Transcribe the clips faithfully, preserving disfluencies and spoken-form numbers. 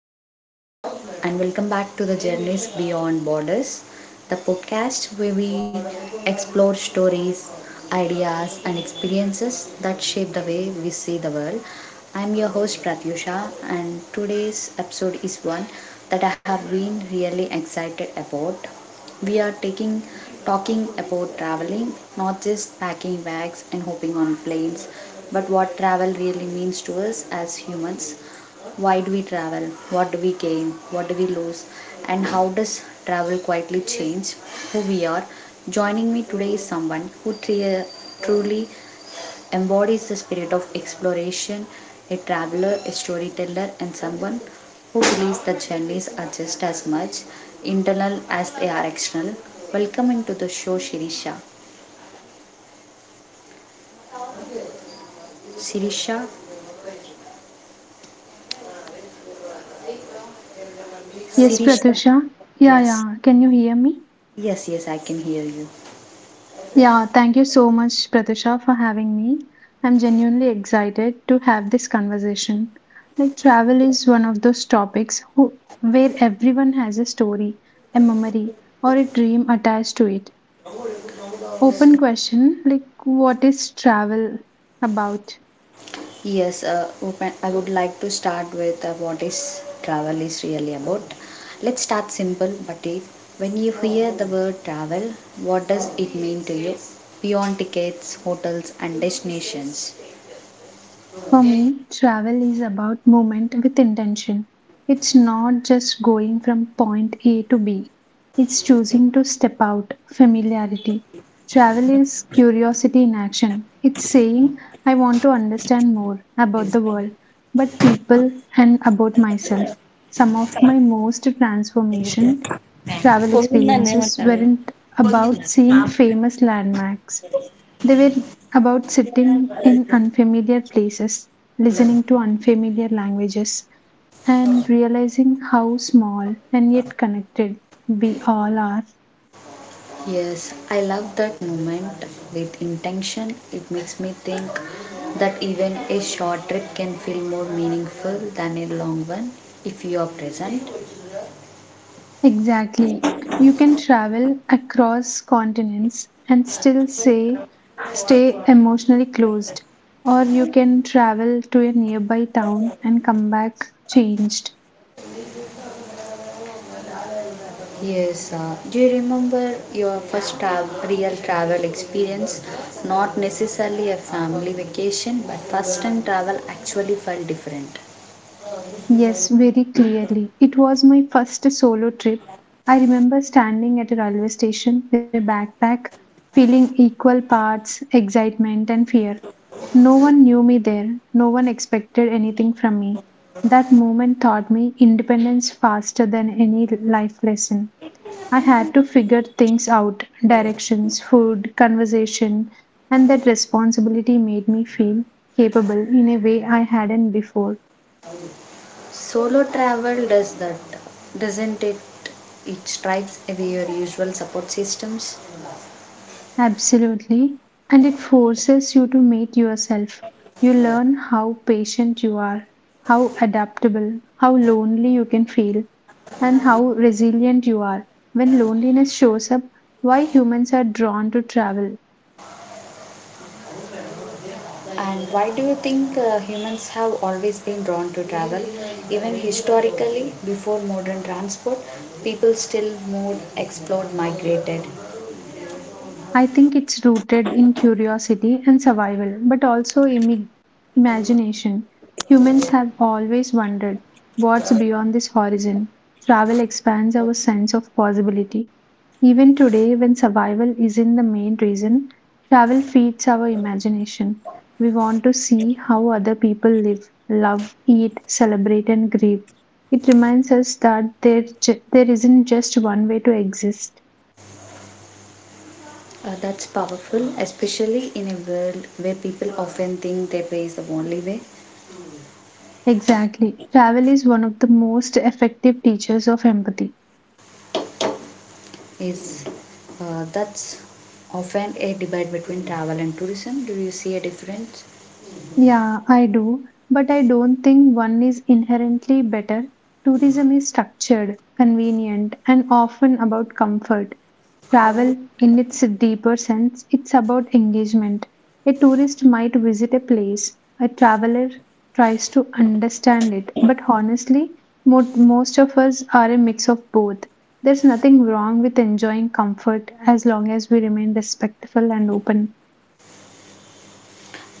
Hello, everyone, and welcome back to the Journeys Beyond Borders, the podcast where we explore stories, ideas, and experiences that shape the way we see the world. I'm your host, Pratyusha, and today's episode is one that I have been really excited about. We are taking talking about traveling, not just packing bags and hopping on planes, but what travel really means to us as humans. Why do we travel? What do we gain? What do we lose? And how does travel quietly change who we are? Joining me today is someone who tri- truly embodies the spirit of exploration, a traveler, a storyteller, and someone who believes that journeys are just as much internal as they are external. Welcome into the show, Shirisha. Shirisha, Yes, Shirisha. Pratusha. Yeah, Yes, yeah. Can you hear me? yes, yes, I can hear you. Yeah, thank you so much, Pratusha, for having me. I'm genuinely excited to have this conversation. Like, travel is one of those topics who, where everyone has a story, a memory, or a dream attached to it. Open question like, what is travel about? Yes, uh, open- I would like to start with uh, what is travel is really about. Let's start simple, but if when you hear the word travel, what does it mean to you beyond tickets, hotels, and destinations? For me, travel is about movement with intention. It's not just going from point A to B, it's choosing to step out, familiarity. Travel is curiosity in action. It's saying, I want to understand more about the world, but people, and about myself. Some of my most transformation travel పొంగిందా experiences ఏమంటారు. weren't about seeing famous landmarks, they were about sitting in unfamiliar places, listening to unfamiliar languages, and realizing how small and yet connected we all are. Yes, I love that moment with intention. It makes me think that even a short trip can feel more meaningful than a long one if you are present. Exactly. You can travel across continents and still say stay emotionally closed, or you can travel to a nearby town and come back changed. Yes, uh, do you remember your first tra- real travel experience? Not necessarily a family vacation, but first time travel actually felt different. Yes, very clearly. It was my first solo trip. I remember standing at a railway station with my backpack, feeling equal parts excitement and fear. No one knew me there, no one expected anything from me. That moment taught me independence faster than any life lesson. I had to figure things out: directions, food, conversation, and that responsibility made me feel capable in a way I hadn't before. Solo travel does that, doesn't it? It stripes away your usual support systems. Absolutely. And it forces you to meet yourself. You learn how patient you are, how adaptable, how lonely you can feel, and how resilient you are. When loneliness shows up, why humans are drawn to travel. And why do you think uh, humans have always been drawn to travel? Even historically, before modern transport, people still moved, explored, migrated. I think it's rooted in curiosity and survival, but also imi- imagination. Humans have always wondered what's beyond this horizon. Travel expands our sense of possibility. Even today, when survival isn't the main reason, travel feeds our imagination. We want to see how other people live, love, eat, celebrate, and grieve. It reminds us that there, ju- there isn't just one way to exist. Uh, that's powerful, especially in a world where people often think their way is the only way. Exactly. Travel is one of the most effective teachers of empathy. Is uh, That's often a debate between travel and tourism. Do you see a difference? Yeah, I do, but I don't think one is inherently better. Tourism is structured, convenient, and often about comfort. Travel, in its deeper sense, it's about engagement. A tourist might visit a place, a traveler tries to understand it, but honestly, mo- most of us are a mix of both. There's nothing wrong with enjoying comfort as long as we remain respectful and open.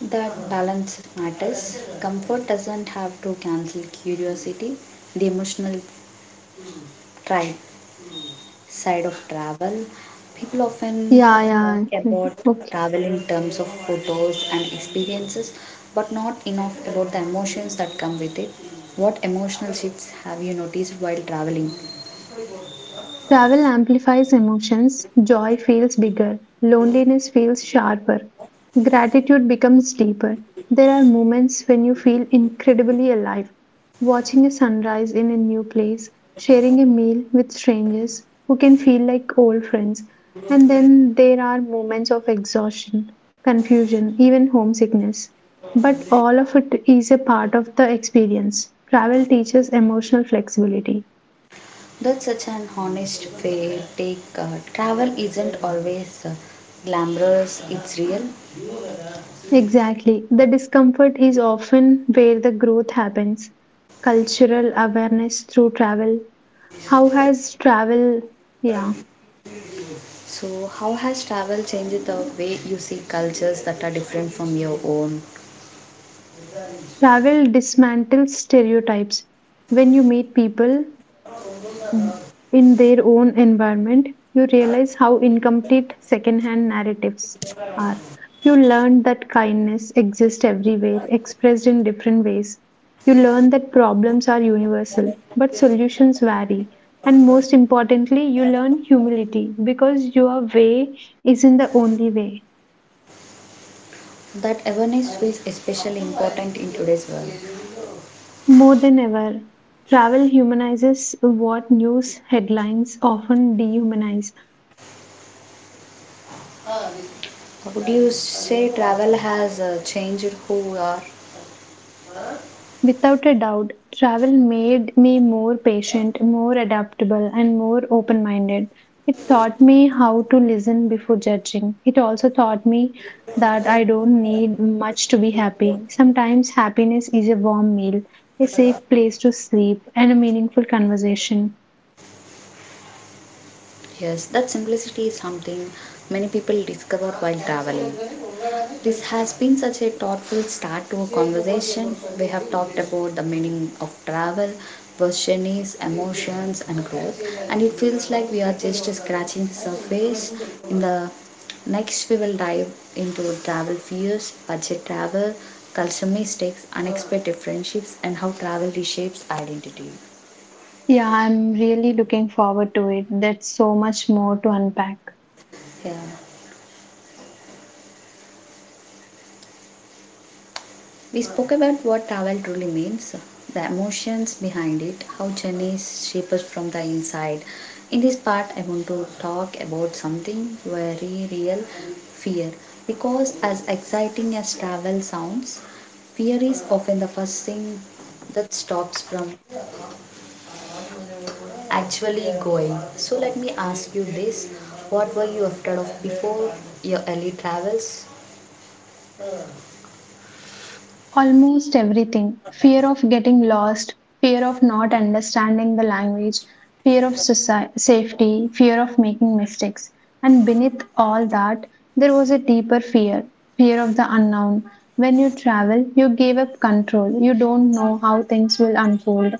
That balance matters. Comfort doesn't have to cancel curiosity. The emotional tribe side of travel, people often Yeah, talk yeah. about Okay. travel in terms of photos and experiences but not enough about the emotions that come with it. What emotional shifts have you noticed while traveling? Travel amplifies emotions, joy feels bigger, loneliness feels sharper, gratitude becomes deeper. There are moments when you feel incredibly alive. Watching a sunrise in a new place, sharing a meal with strangers who can feel like old friends. And then there are moments of exhaustion, confusion, even homesickness. But all of it is a part of the experience. Travel teaches emotional flexibility. That's such an honest way take, uh, travel isn't always uh, glamorous, it's real. Exactly. The discomfort is often where the growth happens. Cultural awareness through travel. How has travel, yeah, So how has travel changed the way you see cultures that are different from your own? travel dismantles stereotypes? When you meet people in their own environment, you realize how incomplete secondhand narratives are. You learn that kindness exists everywhere, expressed in different ways. You learn that problems are universal, but solutions vary. And most importantly, you learn humility because your way isn't the only way. That awareness is especially important in today's world. More than ever, travel humanizes what news headlines often dehumanize. Would you say travel has uh, changed who we are? Without a doubt, travel made me more patient, more adaptable, and more open minded. It taught me how to listen before judging. It also taught me that I don't need much to be happy. Sometimes happiness is a warm meal, a safe place to sleep, and a meaningful conversation. Yes, that simplicity is something many people discover while traveling. This has been such a thoughtful start to a conversation. We have talked about the meaning of travel, versions, emotions, and growth, and it feels like we are just scratching the surface. In the next, we will dive into travel fears, budget travel, cultural mistakes, unexpected friendships, and how travel reshapes identity. Yeah, I'm really looking forward to it. That's so much more to unpack. Yeah, we spoke about what travel truly means, the emotions behind it, how journeys shape us from the inside. In this part, I want to talk about something very real, fear. Because as exciting as travel sounds, fear is often the first thing that stops from actually going. So, let me ask you this, what were you afraid of before your early travels? Almost everything: fear of getting lost, fear of not understanding the language, fear of soci- safety, fear of making mistakes. And beneath all that, there was a deeper fear, fear of the unknown. When you travel, you give up control, you don't know how things will unfold.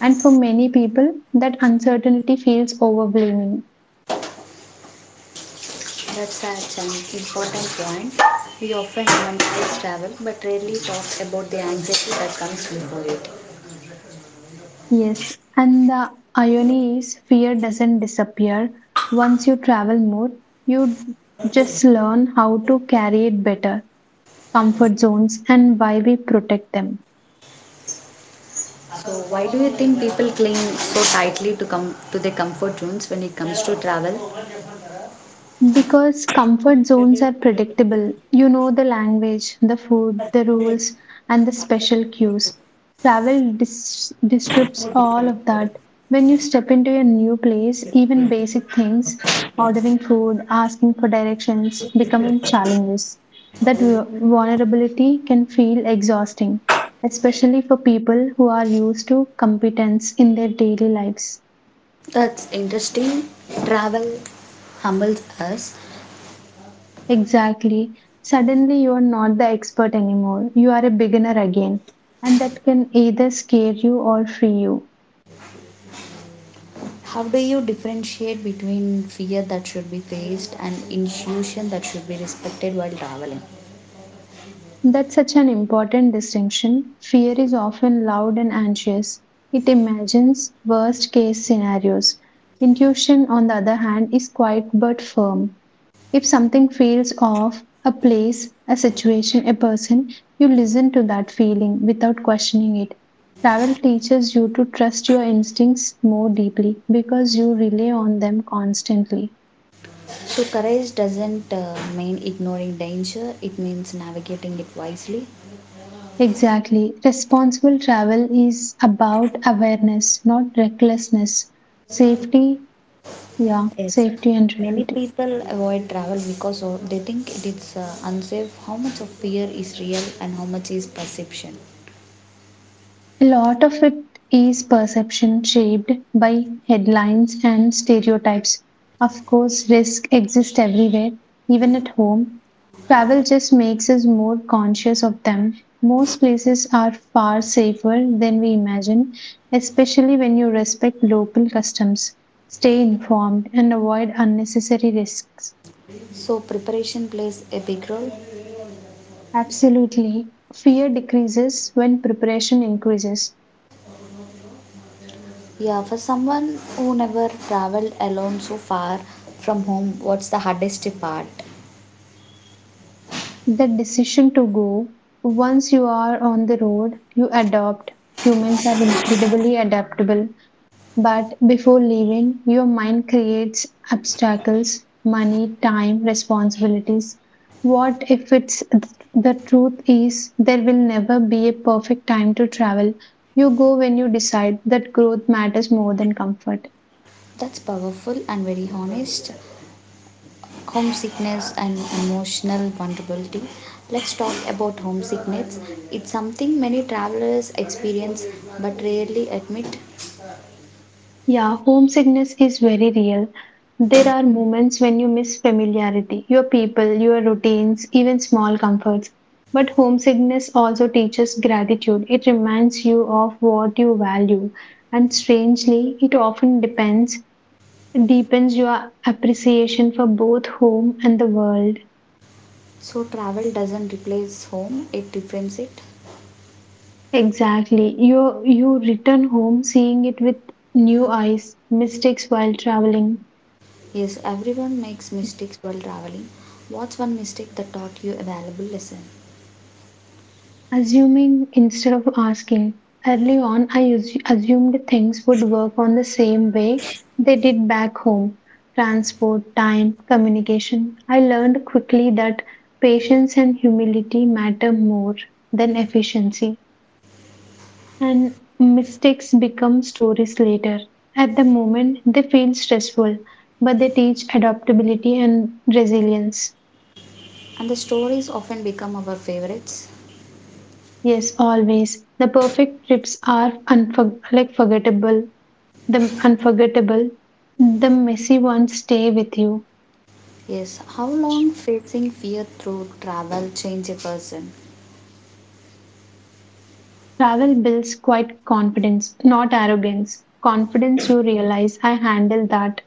And for many people, that uncertainty feels overwhelming. That's such an important point. We often romanticize travel but rarely talk about the anxiety that comes before it. Yes, and the irony is fear doesn't disappear. Once you travel more, you just learn how to carry it better, comfort zones, and why we protect them. So, why do you think people cling so tightly to come to their comfort zones when it comes to travel? Because comfort zones are predictable. You know the language, the food, the rules, and the special cues. Travel dis- disrupts all of that. When you step into a new place, even basic things, ordering food, asking for directions, becoming challenges. That vu- vulnerability can feel exhausting, especially for people who are used to competence in their daily lives. That's interesting. Travel humbles us. Exactly. Suddenly, you are not the expert anymore. You are a beginner again. And that can either scare you or free you. How do you differentiate between fear that should be faced and intuition that should be respected while traveling? That's such an important distinction. Fear is often loud and anxious. It imagines worst case scenarios. Intuition, on the other hand, is quiet but firm. If something feels off, a place, a situation, a person, you listen to that feeling without questioning it. Travel teaches you to trust your instincts more deeply because you rely on them constantly. So, courage doesn't uh, mean ignoring danger, it means navigating it wisely. Exactly. Responsible travel is about awareness, not recklessness. Safety, yeah, Yes. safety and Many reality. people avoid travel because of, they think it is uh, unsafe. How much of fear is real and how much is perception? A lot of it is perception shaped by headlines and stereotypes. Of course, risk exists everywhere, even at home. Travel just makes us more conscious of them. Most places are far safer than we imagine, especially when you respect local customs, stay informed, and avoid unnecessary risks. So, preparation plays a big role. Absolutely. Fear decreases when preparation increases. Yeah, for someone who never traveled alone so far from home, what's the hardest part? The decision to go, once you are on the road, you adopt. Humans are incredibly adaptable, but before leaving, your mind creates obstacles: money, time, responsibilities. What if it's, the truth is there will never be a perfect time to travel? You go when you decide that growth matters more than comfort. That's powerful and very honest. Homesickness and emotional vulnerability. Let's talk about homesickness. It's something many travelers experience but rarely admit. Yeah, homesickness is very real. There are moments when you miss familiarity, your people, your routines, even small comforts. But homesickness also teaches gratitude. It reminds you of what you value. And strangely, it often depends, deepens your appreciation for both home and the world. So travel doesn't replace home, it deepens it. Exactly. You you return home seeing it with new eyes, mistakes while traveling. Yes, everyone makes mistakes while traveling. What's one mistake that taught you a valuable lesson? Assuming instead of asking. Early on, I us- assumed things would work on the same way they did back home: transport, time, communication. I learned quickly that patience and humility matter more than efficiency, and mistakes become stories later. At the moment, they feel stressful, but they teach adaptability and resilience. And the stories often become our favorites. Yes, always. The perfect trips are unfor- like forgettable. The unforgettable, the messy ones stay with you. Yes, how long facing fear through travel change a person? Travel builds quite confidence, not arrogance. Confidence, you realize, I handled that,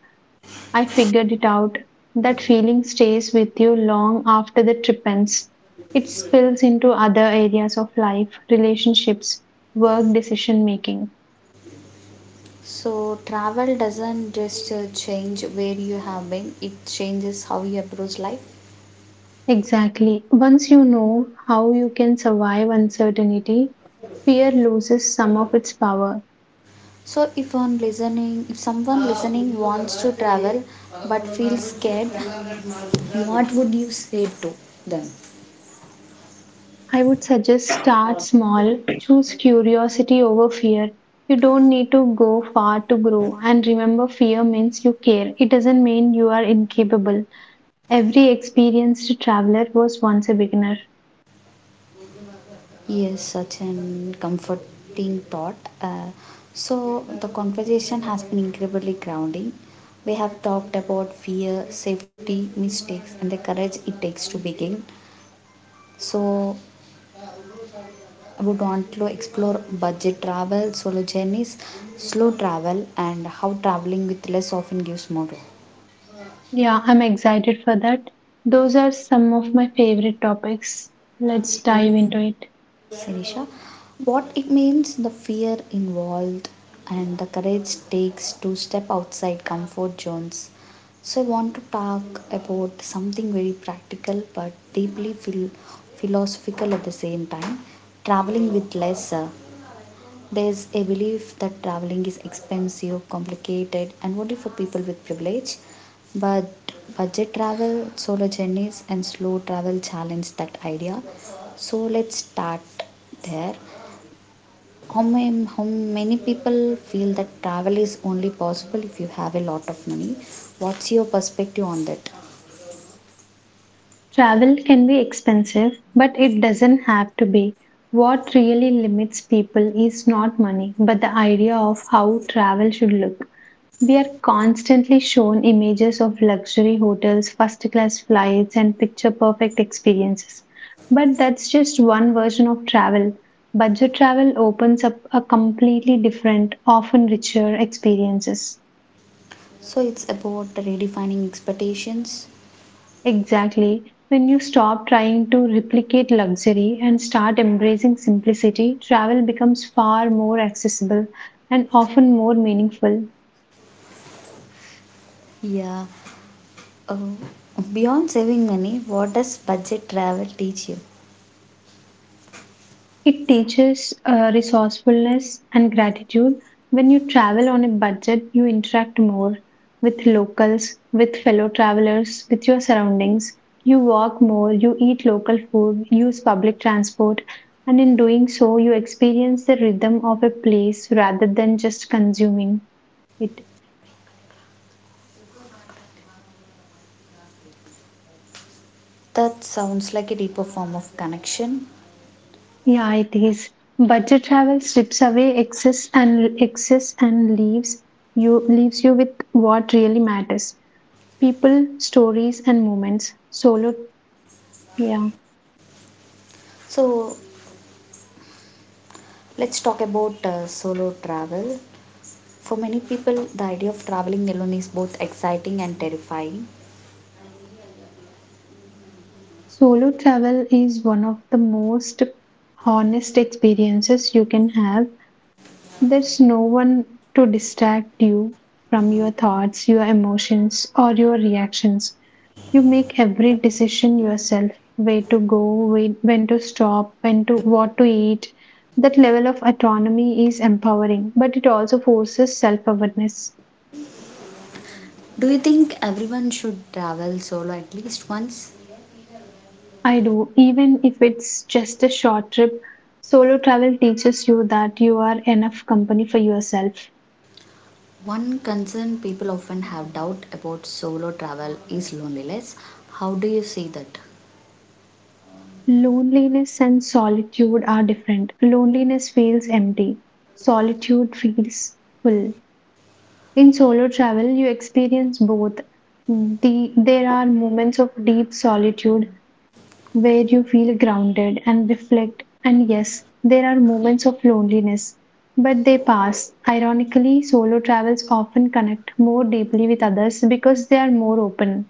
I figured it out. That feeling stays with you long after the trip ends. It spills into other areas of life, relationships, work, decision making. So travel doesn't just uh, change where you have been, it changes how you approach life. Exactly. Once you know how you can survive uncertainty, fear loses some of its power. So if one listening, if someone listening wants to travel but feels scared, what would you say to them? I would suggest start small, choose curiosity over fear. You don't need to go far to grow. And remember, fear means you care. It doesn't mean you are incapable. Every experienced traveler was once a beginner. Yes, such an comforting thought. Uh, so, the conversation has been incredibly grounding. We have talked about fear, safety, mistakes, and the courage it takes to begin. So, I would want to explore budget travel, solo journeys, slow travel, and how traveling with less often gives more. Yeah, I'm excited for that. Those are some of my favorite topics. Let's dive Yes. into it. Sinisha, what it means, the fear involved, and the courage takes to step outside comfort zones. So, I want to talk about something very practical but deeply phil- philosophical at the same time, traveling with less. Uh, there's a belief that traveling is expensive, complicated, and only for people with privilege. But budget travel, solo journeys, and slow travel challenge that idea. So let's start there. How, ma- how many people feel that travel is only possible if you have a lot of money? What's your perspective on that? Travel can be expensive, but it doesn't have to be. What really limits people is not money, but the idea of how travel should look. We are constantly shown images of luxury hotels, first class flights, and picture perfect experiences. But that's just one version of travel. Budget travel opens up a completely different, often richer experiences. So it's about redefining expectations. Exactly. When you stop trying to replicate luxury and start embracing simplicity, travel becomes far more accessible and often more meaningful. Yeah. Uh, Beyond saving money, what does budget travel teach you? It teaches uh, resourcefulness and gratitude. When you travel on a budget, you interact more with locals, with fellow travelers, with your surroundings. You walk more, you eat local food, use public transport, and in doing so, you experience the rhythm of a place rather than just consuming it. That sounds like a deeper form of connection. Yeah, it is. Budget travel strips away excess and excess and leaves you leaves you with what really matters: people, stories, and moments. Solo, yeah. So, let's talk about uh, solo travel. For many people, the idea of traveling alone is both exciting and terrifying. Solo travel is one of the most honest experiences you can have. There's no one to distract you from your thoughts, your emotions, or your reactions. You make every decision yourself: where to go, whe- when to stop, when to what to eat. That level of autonomy is empowering, but it also forces self awareness. Do you think everyone should travel solo at least once? I do, even if it's just a short trip. Solo travel teaches you that you are enough company for yourself. One concern people often have doubt about solo travel is loneliness. How do you see that? Loneliness and solitude are different. Loneliness feels empty, solitude feels full. In solo travel, you experience both. The, there are moments of deep solitude where you feel grounded and reflect. And yes, there are moments of loneliness, but they pass. Ironically, solo travels often connect more deeply with others because they are more open.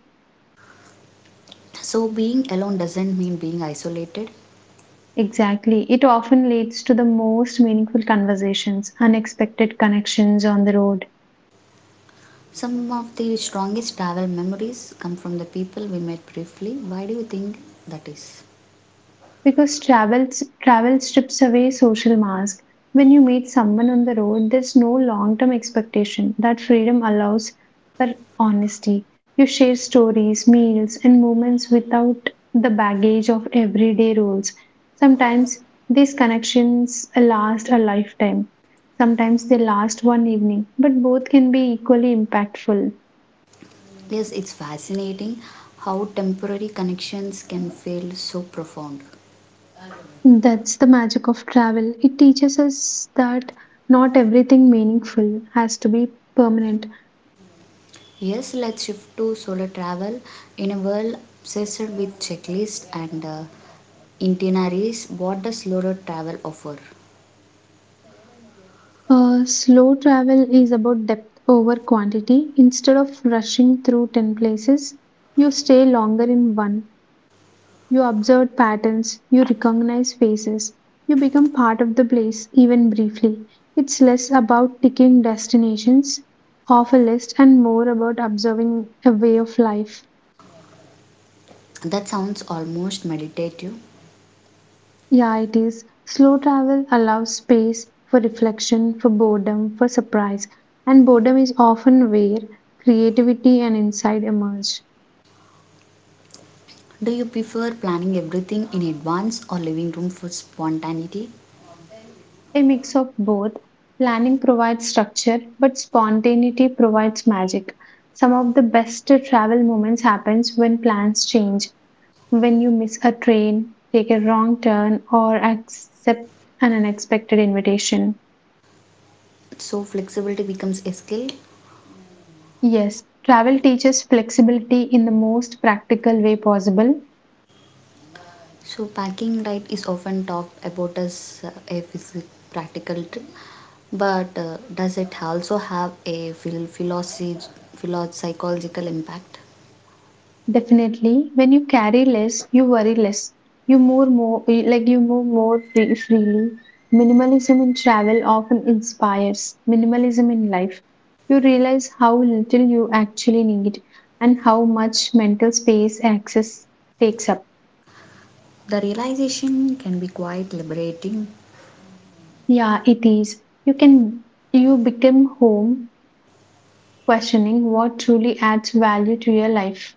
So, being alone doesn't mean being isolated. Exactly. It often leads to the most meaningful conversations, unexpected connections on the road. Some of the strongest travel memories come from the people we met briefly. Why do you think that is? Because travel travel strips away social mask. When you meet someone on the road, there's no long-term expectation. That freedom allows for honesty. You share stories, meals, and moments without the baggage of everyday rules. Sometimes these connections last a lifetime. Sometimes they last one evening, but both can be equally impactful. Yes, it's fascinating how temporary connections can feel so profound. That's the magic of travel. It teaches us that not everything meaningful has to be permanent. Yes, let's shift to solo travel. In a world obsessed with checklists and uh, itineraries, what does solo travel offer? Uh, slow travel is about depth over quantity. Instead of rushing through ten places, you stay longer in one. You observe patterns, you recognize faces, you become part of the place, even briefly. It's less about ticking destinations off a list and more about observing a way of life. That sounds almost meditative. Yeah, it is. Slow travel allows space for reflection, for boredom, for surprise. And boredom is often where creativity and insight emerge. Do you prefer planning everything in advance or leaving room for spontaneity? A mix of both. Planning provides structure, but spontaneity provides magic. Some of the best travel moments happens when plans change, when you miss a train, take a wrong turn, or accept an unexpected invitation. So, flexibility becomes a skill. Yes, travel teaches flexibility in the most practical way possible. So, packing right is often talked about as uh, a physical practical trip. But uh, does it also have a phil- philosophy, philo- psychological impact? Definitely, when you carry less, you worry less. You move more, eh, like you move more free, freely. Minimalism in travel often inspires minimalism in life. You realize how little you actually need and how much mental space access takes up. The realization can be quite liberating. Yeah, it is. You can you become home questioning what truly adds value to your life.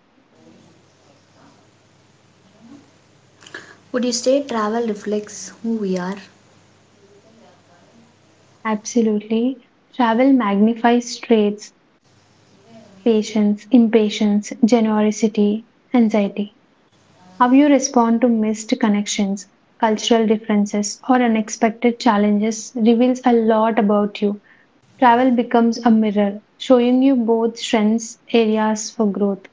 Would you say travel reflects who we are, Absolutely. Travel magnifies traits, patience, impatience, generosity, anxiety. How you respond to missed connections, cultural differences, or unexpected challenges reveals a lot about you. Travel becomes a mirror, showing you both strengths, areas for growth.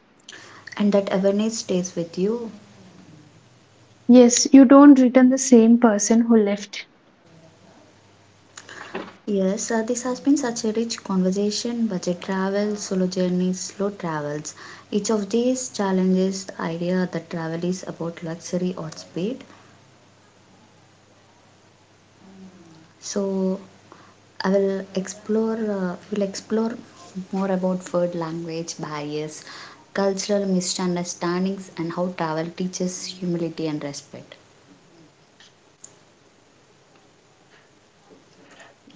and that awareness stays with you? Yes, you don't return the same person who left. Yes, uh, this has been such a rich conversation, budget travel, solo journeys, slow travels. Each of these challenges the idea that travel is about luxury or speed. So, I will explore. Uh, will explore more about food, language barriers, cultural misunderstandings, and how travel teaches humility and respect.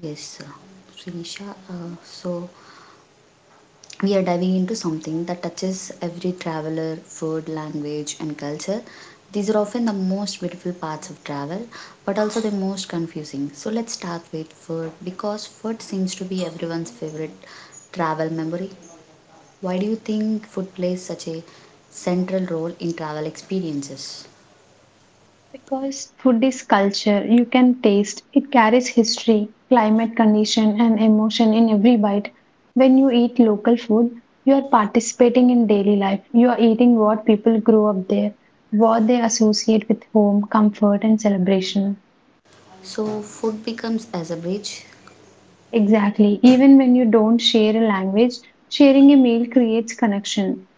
Yes, uh, Srinisha. Uh, so we are diving into something that touches every traveler, food, language, and culture. These are often the most beautiful parts of travel, but also the most confusing. So let's start with food because food seems to be everyone's favorite travel memory. Why do you think food plays such a central role in travel experiences? Because food is culture, you can taste. It carries history, climate condition, and emotion in every bite. When you eat local food, you are participating in daily life. You are eating what people grew up there, what they associate with home, comfort, and celebration. So, food becomes as a bridge. Exactly. Even when you don't share a language, sharing a meal creates connection.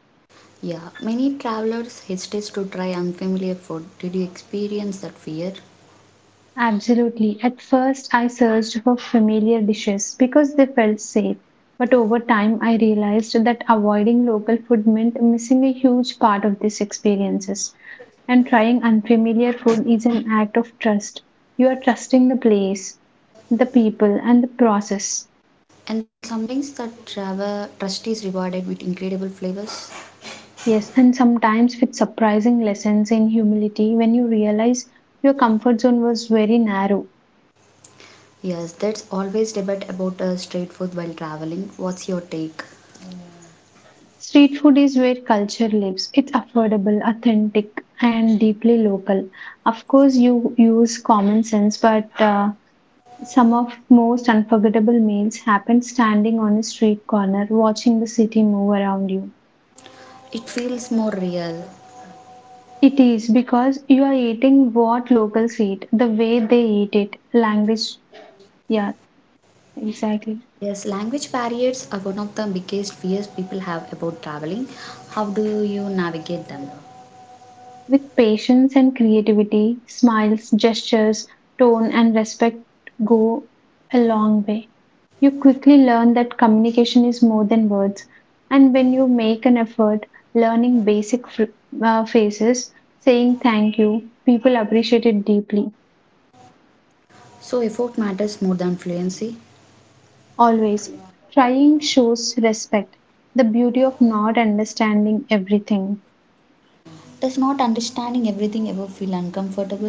Yeah, many travelers hesitate to try unfamiliar food. Did you experience that fear? Absolutely. At first, I searched for familiar dishes because they felt safe. But over time, I realized that avoiding local food meant missing a huge part of these experiences. And trying unfamiliar food is an act of trust. You are trusting the place, the people, and the process. And sometimes that travel trust is rewarded with incredible flavors. Yes, and sometimes with surprising lessons in humility when you realize your comfort zone was very narrow. Yes, that's always debate about uh, street food while traveling. What's your take? Street food is where culture lives. It's affordable, authentic, and deeply local. Of course, you use common sense, but uh, some of most unforgettable meals happen standing on a street corner, watching the city move around you. It feels more real. It is because you are eating what locals eat, the way they eat it, language. Yeah, exactly. Yes, language barriers are one of the biggest fears people have about traveling. How do you navigate them? With patience and creativity, smiles, gestures, tone, and respect go a long way. You quickly learn that communication is more than words, and when you make an effort learning basic fr- uh, phrases, saying thank you, people appreciate it deeply. So, effort matters more than fluency. Always trying shows respect, the beauty of not understanding everything. Does not understanding everything ever feel uncomfortable?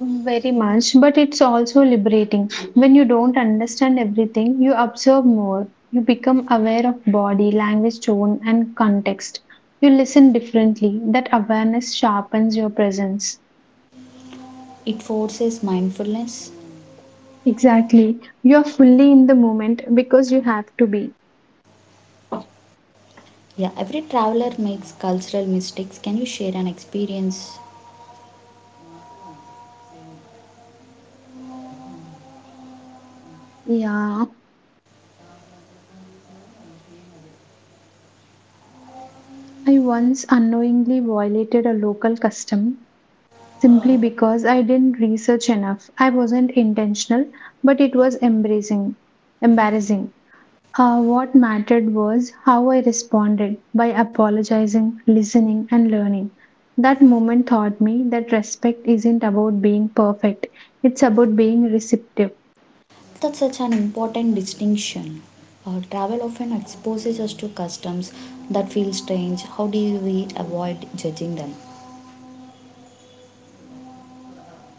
Very much, but it's also liberating. When you don't understand everything, you observe more. You become aware of body, language, tone, and context. You listen differently. That awareness sharpens your presence. It forces mindfulness. Exactly. You're fully in the moment because you have to be. Yeah, every traveler makes cultural mistakes. Can you share an experience? Yeah, I once unknowingly violated a local custom simply because I didn't research enough. I wasn't intentional, but it was embracing, embarrassing. Uh, what mattered was how I responded by apologizing, listening, and learning. That moment taught me that respect isn't about being perfect, it's about being receptive. That's such an important distinction. Uh, travel often exposes us to customs that feel strange. How do we avoid judging them?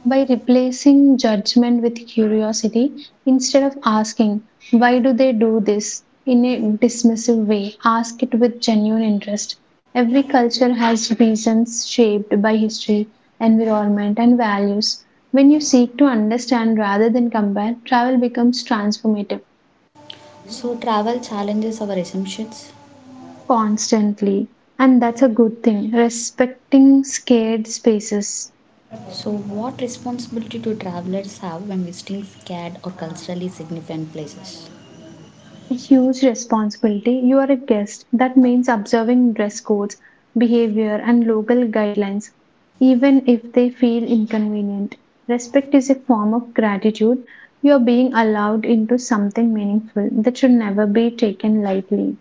By replacing judgment with curiosity instead of asking, why do they do this in a dismissive way? Ask it with genuine interest. Every culture has reasons shaped by history, environment, and values. When you seek to understand rather than compare, travel becomes transformative So, travel challenges our assumptions. constantly. And that's a good thing, respecting scared spaces. So, what responsibility do travelers have when visiting scared or culturally significant places? Huge responsibility. You are a guest. That means observing dress codes, behavior, and local guidelines, even if they feel inconvenient. Respect is a form of gratitude. You are being allowed into something meaningful that should never be taken lightly.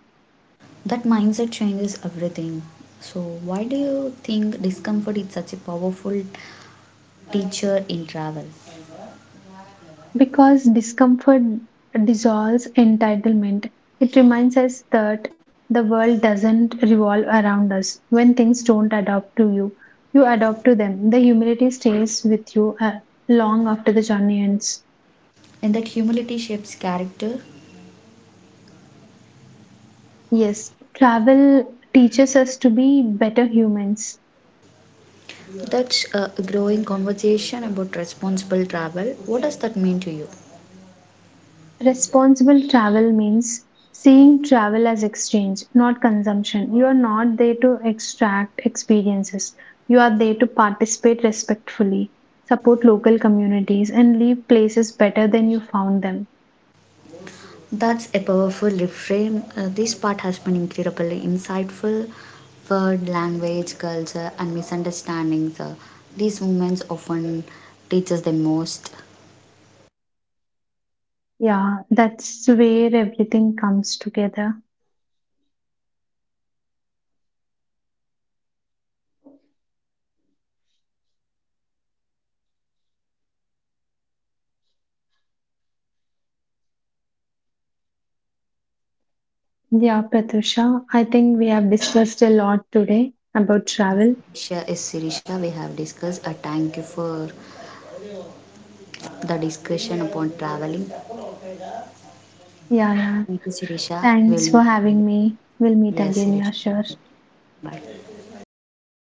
That mindset changes everything. So, why do you think discomfort is such a powerful teacher in travel? Because discomfort dissolves entitlement. It reminds us that the world doesn't revolve around us. When things don't adapt to you, you adapt to them. The humility stays with you uh, long after the journey ends. And that humility shapes character. Yes, travel teaches us to be better humans. That's a growing conversation about responsible travel. What does that mean to you? Responsible travel means seeing travel as exchange, not consumption. You are not there to extract experiences. You are there to participate respectfully, support local communities, and leave places better than you found them. That's a powerful reframe. Uh, this part has been incredibly insightful. Word, language, culture, and misunderstandings. Uh, these moments often teach us the most. Yeah, that's where everything comes together. Yeah, Pratusha, I think we have discussed a lot today about travel. Shirisha is Sirisha. We have discussed. Uh, thank you for the discussion upon traveling. Yeah, yeah. Thank you, Sirisha. We'll Thanks for meet again. having me. We'll meet Yes, again, Sirisha. yeah, sure. Bye.